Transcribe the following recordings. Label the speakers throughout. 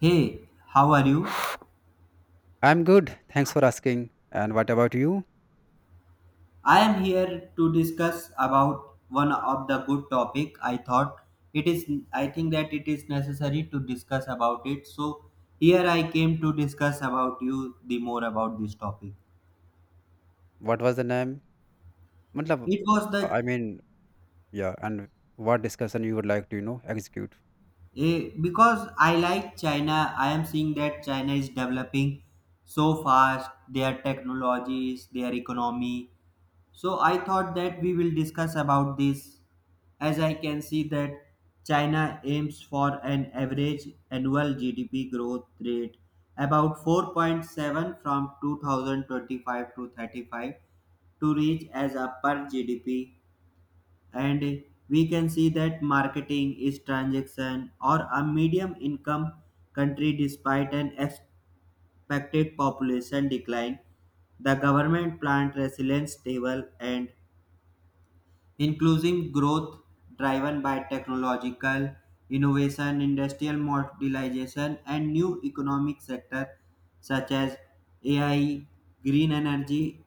Speaker 1: Hey, how are you?
Speaker 2: I'm good. Thanks for asking. And what about you?
Speaker 1: I am here to discuss about one of the good topic. I thought it is I think that it is necessary to discuss about it. So here I came to discuss about you the more about this topic.
Speaker 2: What was the name? Matlab,
Speaker 1: It was the
Speaker 2: I mean, yeah. And what discussion you would like to, execute?
Speaker 1: because I like China. I am seeing that China is developing so fast. Their technologies, their economy. So I thought that we will discuss about this as I can see that China aims for an average annual GDP growth rate about 4.7 from 2025 to 35 to reach as a per GDP, and we can see that marketing is transaction or a medium income country despite an expected population decline, the government plant resilience table and including growth driven by technological innovation, industrial modernization, and new economic sectors such as AI, green energy,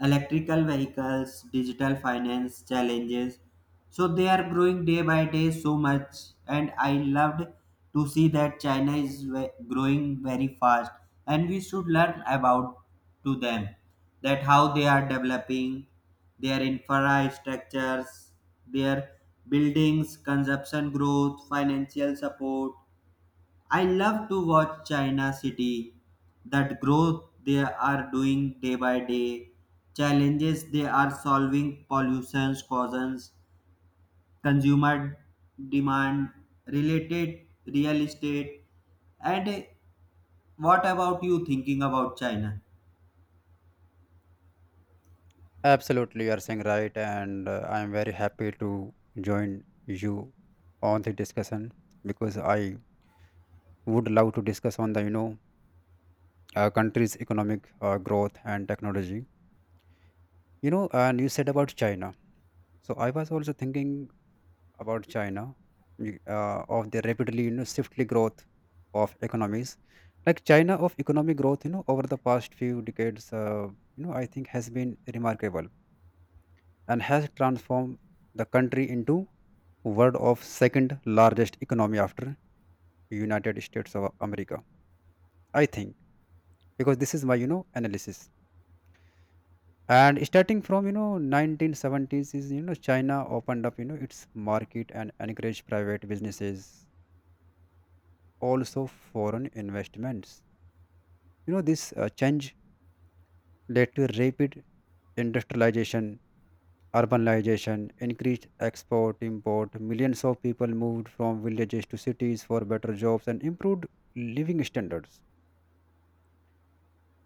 Speaker 1: electrical vehicles, digital finance challenges. So they are growing day by day so much, and I loved to see that growing very fast, and we should learn about to them that how they are developing their infrastructures, their buildings, consumption growth, financial support, I love to watch China City, that growth they are doing day by day, challenges they are solving, pollution causes, consumer demand related real estate. And what about you thinking about China?
Speaker 2: Absolutely, you are saying right. And I'm very happy to join you on the discussion because I would love to discuss on the, country's economic growth and technology. You know, and you said about China. So I was also thinking about China of the rapidly you know swiftly growth of economies like China of economic growth, you know, over the past few decades, you know, I think has been remarkable and has transformed the country into world of second largest economy after United States of America, I think, because this is my, you know, analysis. And starting from, you know, 1970s, is, you know, China opened up, you know, its market and encouraged private businesses, also foreign investments. You know, this change led to rapid industrialization, urbanization, increased export, import. Millions of people moved from villages to cities for better jobs and improved living standards.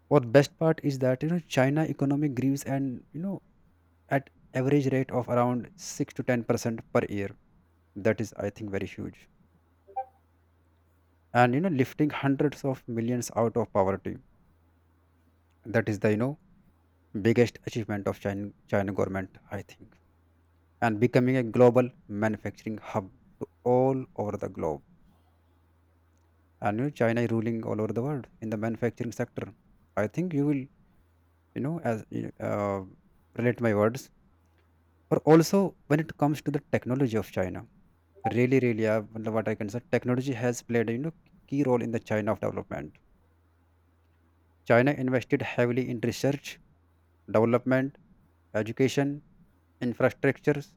Speaker 2: What best part is that, you know, China economy grows, and, you know, at average rate of around 6 to 10 percent per year. That is, I think, very huge. And you know, lifting hundreds of millions out of poverty. That is the, you know, biggest achievement of China, China government, I think, and becoming a global manufacturing hub to all over the globe. And you know, China is ruling all over the world in the manufacturing sector. I think you will, you know, as you- uh, relate my words. Or also when it comes to the technology of China, really, really, मतलब what I can say, technology has played, a you know, key role in the China of development. China invested heavily in research, development, education, infrastructures.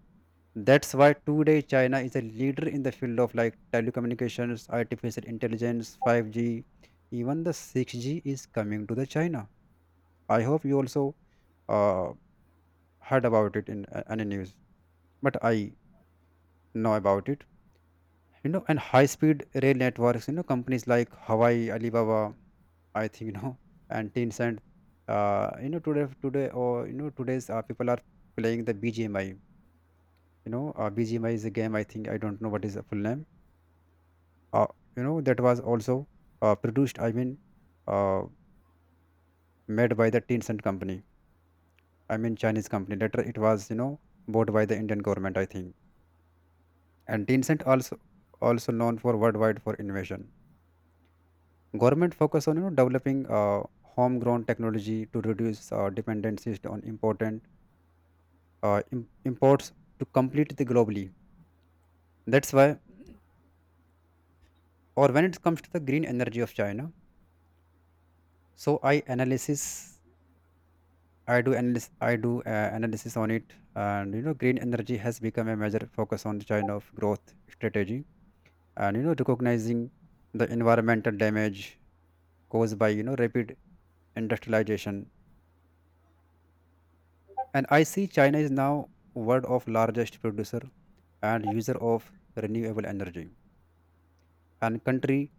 Speaker 2: That's why today China is a leader in the field of like telecommunications, artificial intelligence, 5G, even the 6G is coming to the China. I hope you also uh, heard about it in any news, but I know about it. You know, and high-speed rail networks. You know, companies like Hawaii, Alibaba, I think you know, and Tencent. Today's people are playing the BGMI. You know, BGMI is a game. I think I don't know what is the full name, uh, you know, that was also produced, uh, made by the Tencent company. I mean Chinese company, later it was, you know, bought by the Indian government, I think. And Tencent also, also known for worldwide for innovation. Government focus on, you know, developing homegrown technology to reduce dependencies on important, imports to complete the globally. That's why, or when it comes to the green energy of China, so I do analysis. I do analysis on it, and you know, green energy has become a major focus on the China of growth strategy, and you know, recognizing the environmental damage caused by you know rapid industrialization. And I see China is now world of largest producer and user of renewable energy, and country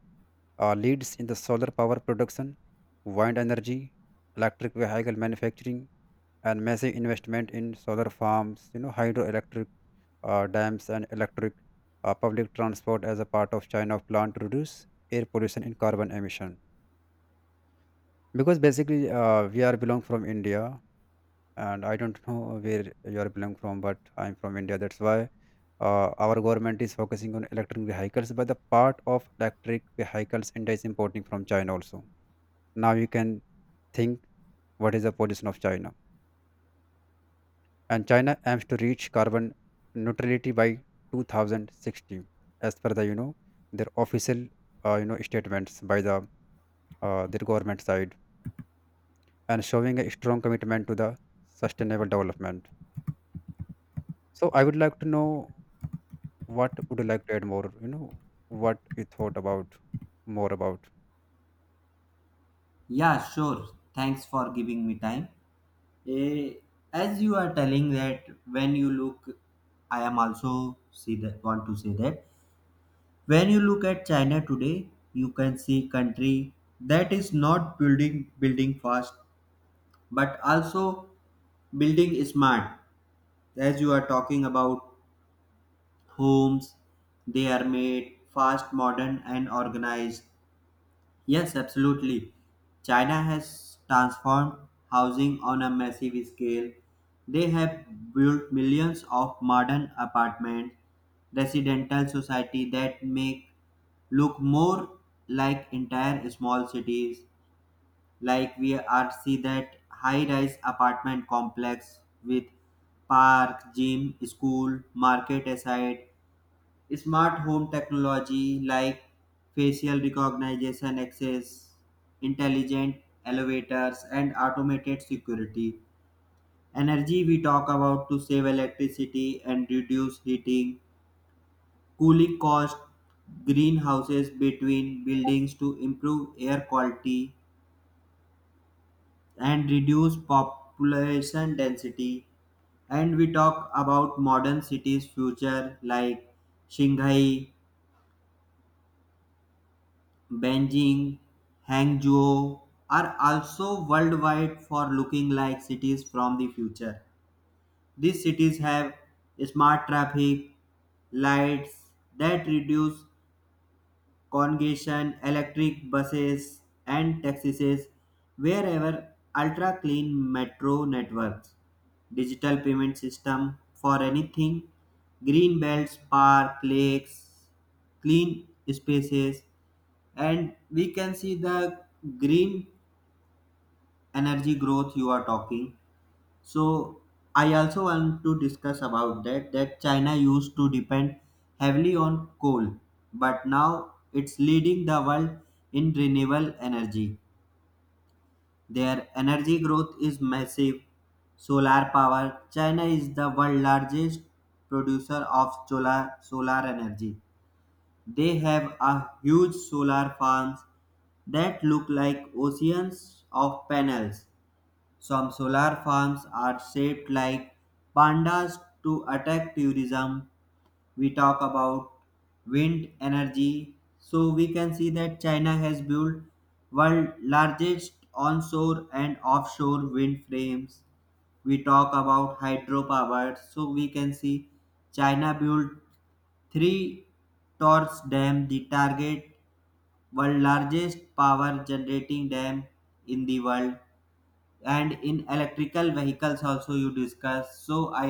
Speaker 2: leads in the solar power production, wind energy, electric vehicle manufacturing, and massive investment in solar farms, you know, hydroelectric dams and electric public transport as a part of China plan to reduce air pollution and carbon emission. Because basically, we are belong from India, and I don't know where you are belong from, but I'm from India. That's why our government is focusing on electric vehicles, but the part of electric vehicles India is importing from China also. Now you can think what is the position of China. And China aims to reach carbon neutrality by 2060, as per the you know their official you know statements by the their government side, and showing a strong commitment to the sustainable development. So I would like to know what would you like to add more? You know what you thought about more about.
Speaker 1: Yeah, sure. Thanks for giving me time. Eh, as you are telling that when you look, I am also see that want to say that when you look at China today, you can see country that is not building fast but also building smart. As you are talking about homes, they are made fast, modern and organized. Yes, absolutely. China has transformed housing on a massive scale. They have built millions of modern apartment residential society that make look more like entire small cities, like we are see that high rise apartment complex with park, gym, school, market aside. Smart home technology like facial recognition access, intelligent elevators, and automated security. Energy we talk about to save electricity and reduce heating, cooling cost, greenhouses between buildings to improve air quality and reduce population density. And we talk about modern cities future like Shanghai, Beijing, Hangzhou are also worldwide for looking like cities from the future. These cities have smart traffic lights that reduce congestion, electric buses and taxis wherever, ultra clean metro networks, digital payment system for anything, green belts, park, lakes, clean spaces. And we can see the green energy growth you are talking, so I also want to discuss about that China used to depend heavily on coal but now it's leading the world in renewable energy. Their energy growth is massive. Solar power, China is the world largest producer of solar energy. They have a huge solar farms that look like oceans of panels. Some solar farms are shaped like pandas to attract tourism. We talk about wind energy, so we can see that China has built world largest onshore and offshore wind frames. We talk about hydropower, so we can see China built three torch dam. The target world largest power generating dam in the world. And in electrical vehicles also you discuss, so I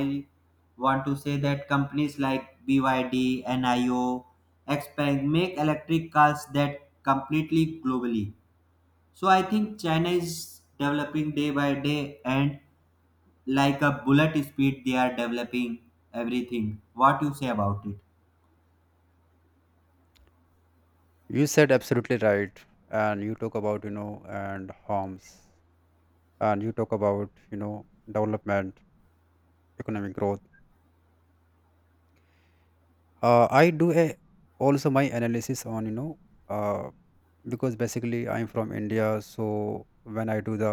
Speaker 1: want to say that companies like BYD, Nio, Expand make electric cars that completely globally. So I think China is developing day by day and like a bullet speed they are developing everything what you say about it.
Speaker 2: You said absolutely right, and you talk about, you know, and harms, and you talk about, you know, development, economic growth. uh, i do a, Also my analysis on, you know, uh, because basically I'm from India. So when I do the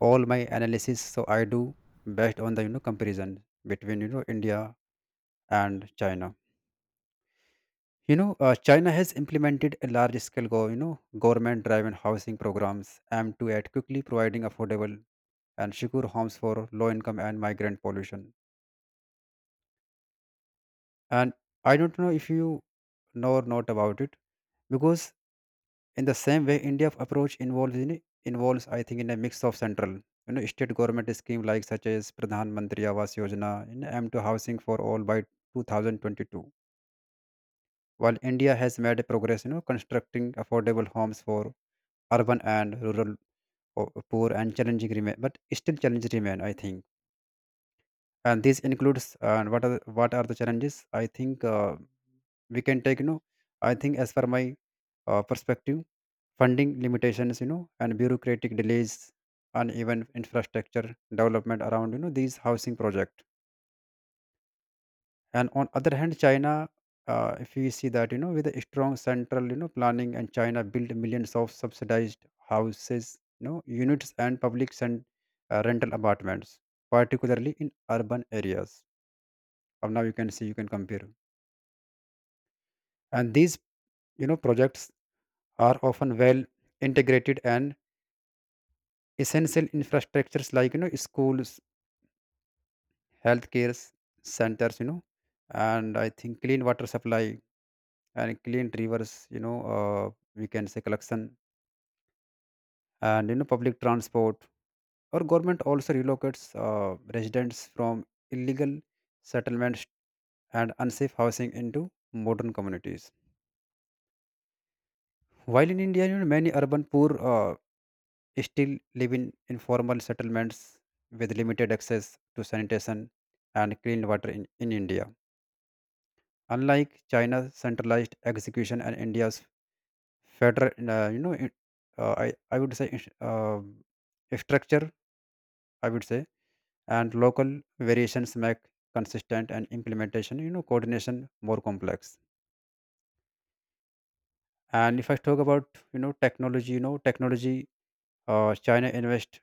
Speaker 2: all my analysis, so I do based on the, you know, comparison between, you know, India and China. You know, China has implemented a large scale go you know government driven housing programs aimed to at quickly providing affordable and secure homes for low income and migrant population. And I don't know if you know or not about it, because in the same way India's approach involves, I think, in a mix of central, you know, state government scheme like such as Pradhan Mantri Awas Yojana in m2 housing for all by 2022. While India has made progress, you know, constructing affordable homes for urban and rural poor, and challenging remain, but still challenges remain, I think. And this includes, what are the challenges, I think. We can take, you know, I think as per my perspective, funding limitations, you know, and bureaucratic delays and even infrastructure development around, you know, these housing project. And on other hand, China, if we see that, you know, with a strong central, you know, planning, and China built millions of subsidized houses, you know, units and public and rental apartments, particularly in urban areas. Or now you can see you can compare, and these, you know, projects are often well integrated and essential infrastructures like, you know, schools, healthcare s- centers, you know, and I think clean water supply and clean rivers, you know, we can say collection, and, you know, public transport. Our government also relocates residents from illegal settlements and unsafe housing into modern communities, while in India you know many urban poor still live in informal settlements with limited access to sanitation and clean water in India. Unlike China's centralized execution and India's federal, you know, it, I would say is- structure, I would say, and local variations make consistent and implementation, you know, coordination more complex. And if I talk about, technology, China invest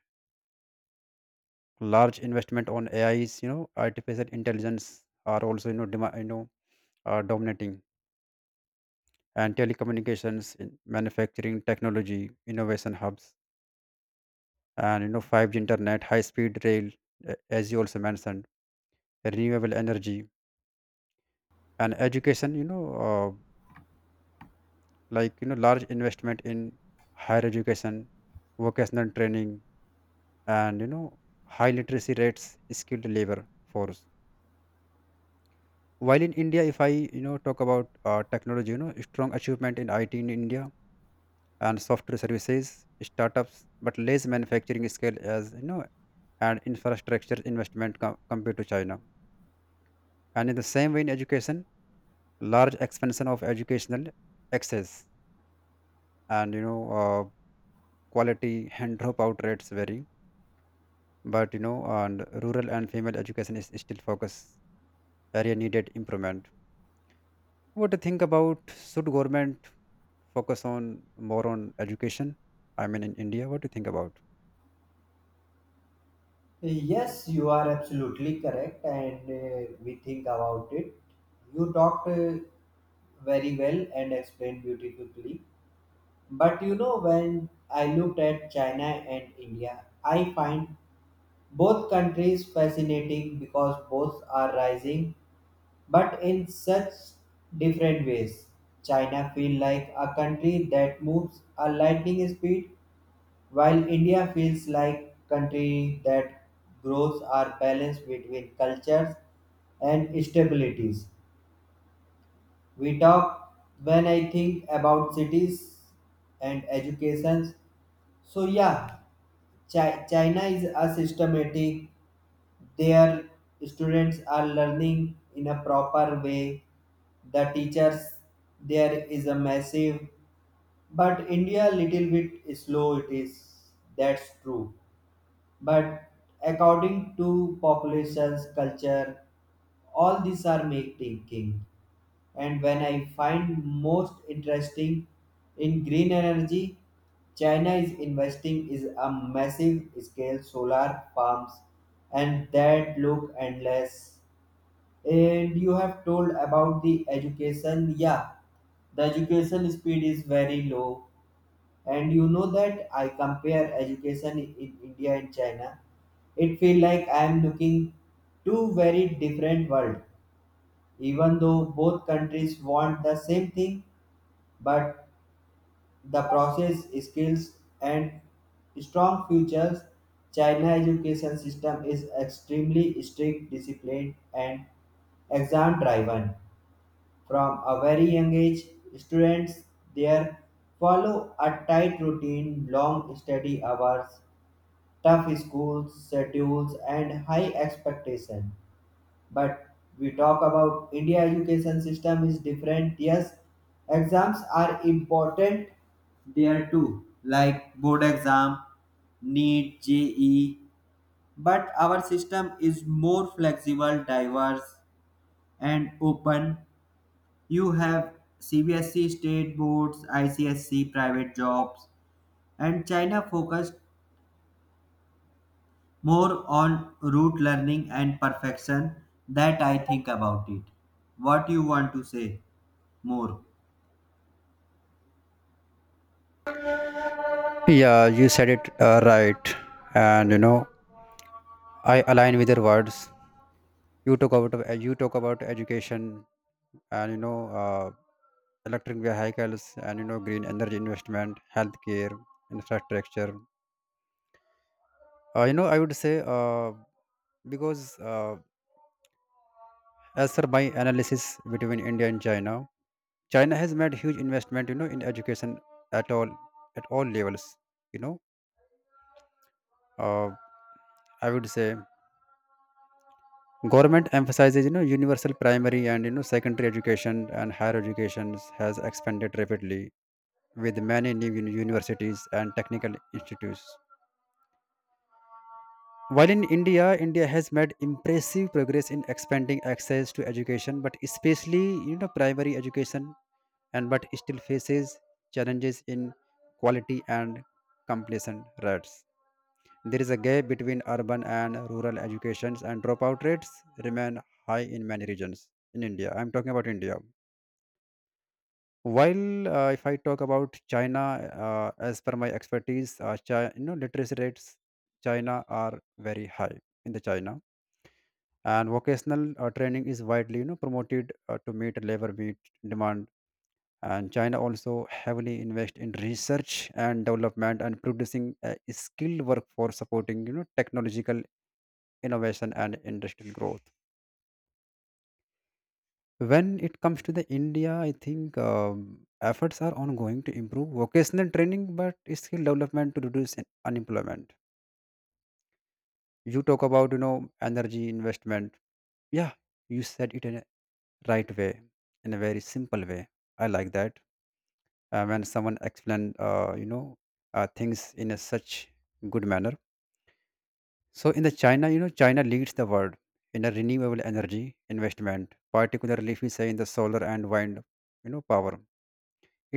Speaker 2: large investment on AIs, you know, artificial intelligence are also you know you know dominating and telecommunications, in manufacturing, technology, innovation hubs, and you know 5G internet, high speed rail, as you also mentioned, renewable energy, and education, you know, like you know large investment in higher education, vocational training, and you know high literacy rates, skilled labor force. While in India, if I, you know, talk about technology, you know, strong achievement in it in India and software services startups, but less manufacturing scale, as you know, and infrastructure investment compared to China. And in the same way in education, large expansion of educational access and, you know, quality and dropout rates vary, but you know and rural and female education is still focus area needed improvement. What do you think about, should government focus on more on education? I mean in India, what do you think about?
Speaker 1: Yes, you are absolutely correct, and we think about it. You talked very well and explained beautifully. But you know, when I looked at China and India, I find both countries fascinating because both are rising, but in such different ways. China feel like a country that moves a lightning speed, while India feels like country that growth are balanced between cultures and stabilities. We talk when I think about cities and educations. So yeah, China is a systematic. Their students are learning in a proper way. The teachers there is a massive, but India little bit slow. It is that's true, but according to populations, culture, all these are make thinking. And when I find most interesting in green energy, China is investing is a massive scale solar farms and that look endless. And you have told about the education, yeah, the education speed is very low, and you know that I compare education in India and China. It feel like I am looking two very different world. Even though both countries want the same thing, but the process, skills, and strong futures. China education system is extremely strict, disciplined, and exam driven. From a very young age, students there follow a tight routine, long study hours, tough school schedules, and high expectation. But we talk about India education system is different. Yes, exams are important there too, like board exam, NEET, JE, but our system is more flexible, diverse, and open. You have CBSE state boards, ICSC private jobs, and China focused more on rote learning and perfection that I think about it. What you want to say more?
Speaker 2: Yeah, you said it right. And you know, I align with your words. You talk about education and, you know, electric vehicles and, you know, green energy investment, healthcare infrastructure. You know, I would say, because uh, as per my analysis between India and China, China has made huge investment, you know, in education, at all at all levels. You know, uh, I would say government emphasizes, you know, universal primary and, you know, secondary education, and higher education has expanded rapidly with many new universities and technical institutes. While in India, India has made impressive progress in expanding access to education, but especially you know primary education, and but still faces challenges in quality and completion rates. There is a gap between urban and rural educations, and dropout rates remain high in many regions in India. I'm talking about India. While if I talk about China, as per my expertise, China, you know literacy rates China are very high in the China, and vocational training is widely, you know, promoted to meet demand. And China also heavily invest in research and development, and producing a skilled workforce supporting, you know, technological innovation and industrial growth. When it comes to the India, I think efforts are ongoing to improve vocational training, but skill development to reduce unemployment. You talk about, you know, energy investment. Yeah, you said it in a right way, in a very simple way. I like that, when someone explained, things in a such good manner. So in the China, you know, China leads the world in a renewable energy investment, particularly if we say in the solar and wind, you know, power.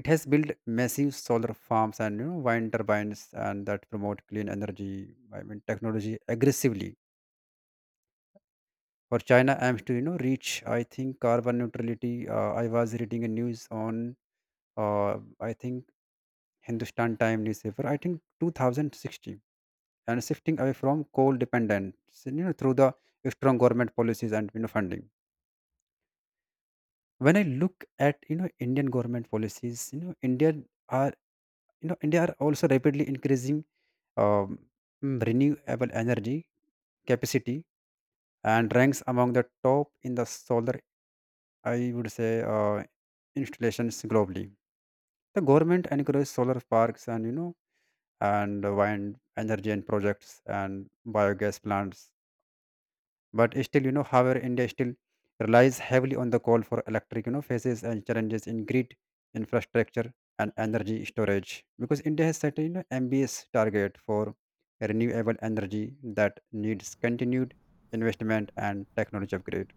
Speaker 2: It has built massive solar farms and, you know, wind turbines, and that promote clean energy. I mean technology aggressively, for China aims to, you know, reach, I think, carbon neutrality. I was reading a news on, uh, I think, Hindustan Time newspaper, I think, 2060, and shifting away from coal dependence, you know, through the strong government policies and, you know, funding. When I look at, you know, Indian government policies, you know, india are you know India are also rapidly increasing, um, renewable energy capacity, and ranks among the top in the solar, I would say, installations globally. The government encourages solar parks and, you know, and wind energy and projects, and biogas plants. But still, you know, however India still relies heavily on the coal for electric, you know, faces and challenges in grid infrastructure and energy storage, because India has set a, you know, ambitious target for renewable energy that needs continued investment and technology upgrade.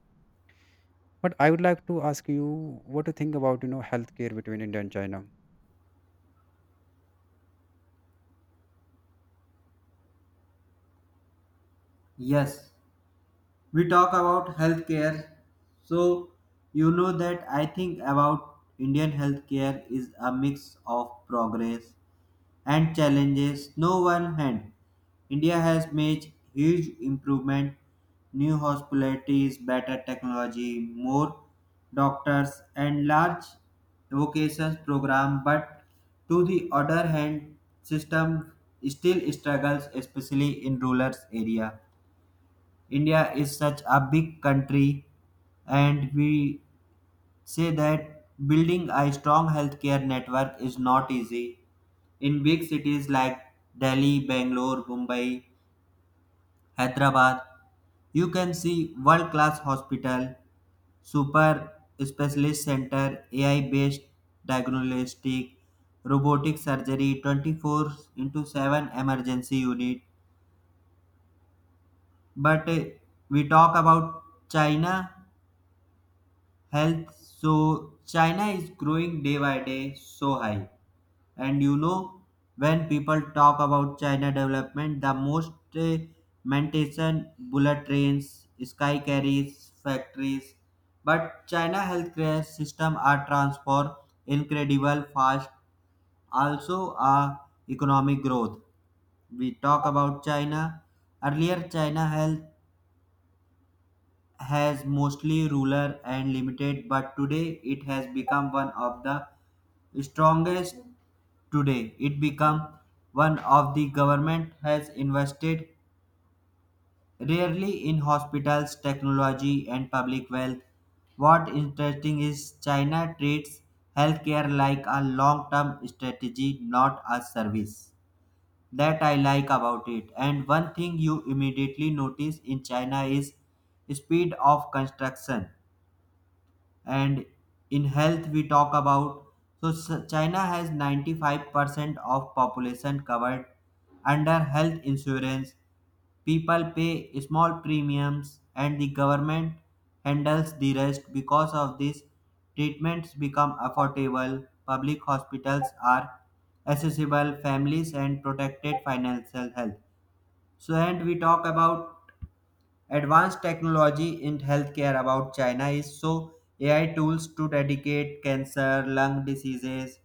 Speaker 2: But I would like to ask you, what do you think about, you know, healthcare between India and China?
Speaker 1: Yes, we talk about healthcare. So, you know that I think about Indian healthcare is a mix of progress and challenges no one hand. India has made huge improvement, new hospitalities, better technology, more doctors and large vocations program, but to the other hand system still struggles, especially in rural area. India is such a big country, and we say that building a strong healthcare network is not easy. In big cities like Delhi, Bangalore, Mumbai, Hyderabad, you can see world-class hospital, super specialist center, AI-based diagnostic, robotic surgery, 24 into 7 emergency unit. But we talk about China health. So China is growing day by day so high. And you know, when people talk about China development, the most mention bullet trains, sky carriers, factories. But China healthcare system are transformed incredible fast. Also, economic growth. We talk about China. Earlier, China health has mostly rural and limited, but today it has become one of the strongest today. It become one of the government has invested rarely in hospitals, technology and public wealth. What interesting is China treats healthcare like a long-term strategy, not a service. That I like about it. And one thing you immediately notice in China is speed of construction. And in health we talk about, so China has 95% of population covered under health insurance. People pay small premiums and the government handles the rest. Because of this, treatments become affordable, public hospitals are accessible, families and protected financial health. So and we talk about advanced technology in healthcare about China is so AI tools to dedicate cancer, lung diseases,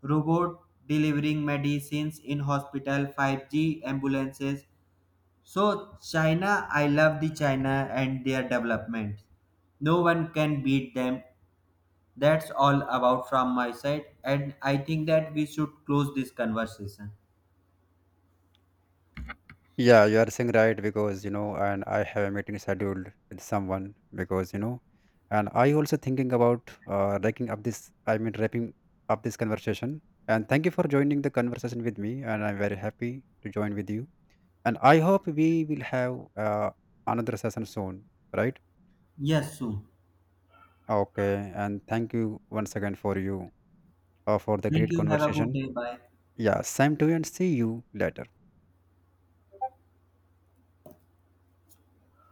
Speaker 1: robot delivering medicines in hospital, 5G ambulances. So China, I love the China and their development. No one can beat them. That's all about from my side, and I think that we should close this conversation.
Speaker 2: Yeah, you are saying right, because you know, and I have a meeting scheduled with someone, because you know, and I also thinking about wrapping up this. Wrapping up this conversation. And thank you for joining the conversation with me, and I'm very happy to join with you. And I hope we will have another session soon, right?
Speaker 1: Yes, soon.
Speaker 2: Okay. And thank you once again for you for the
Speaker 1: Thank
Speaker 2: great
Speaker 1: you. Have a good
Speaker 2: conversation.
Speaker 1: day. Bye.
Speaker 2: Yeah, same to you, and see you later.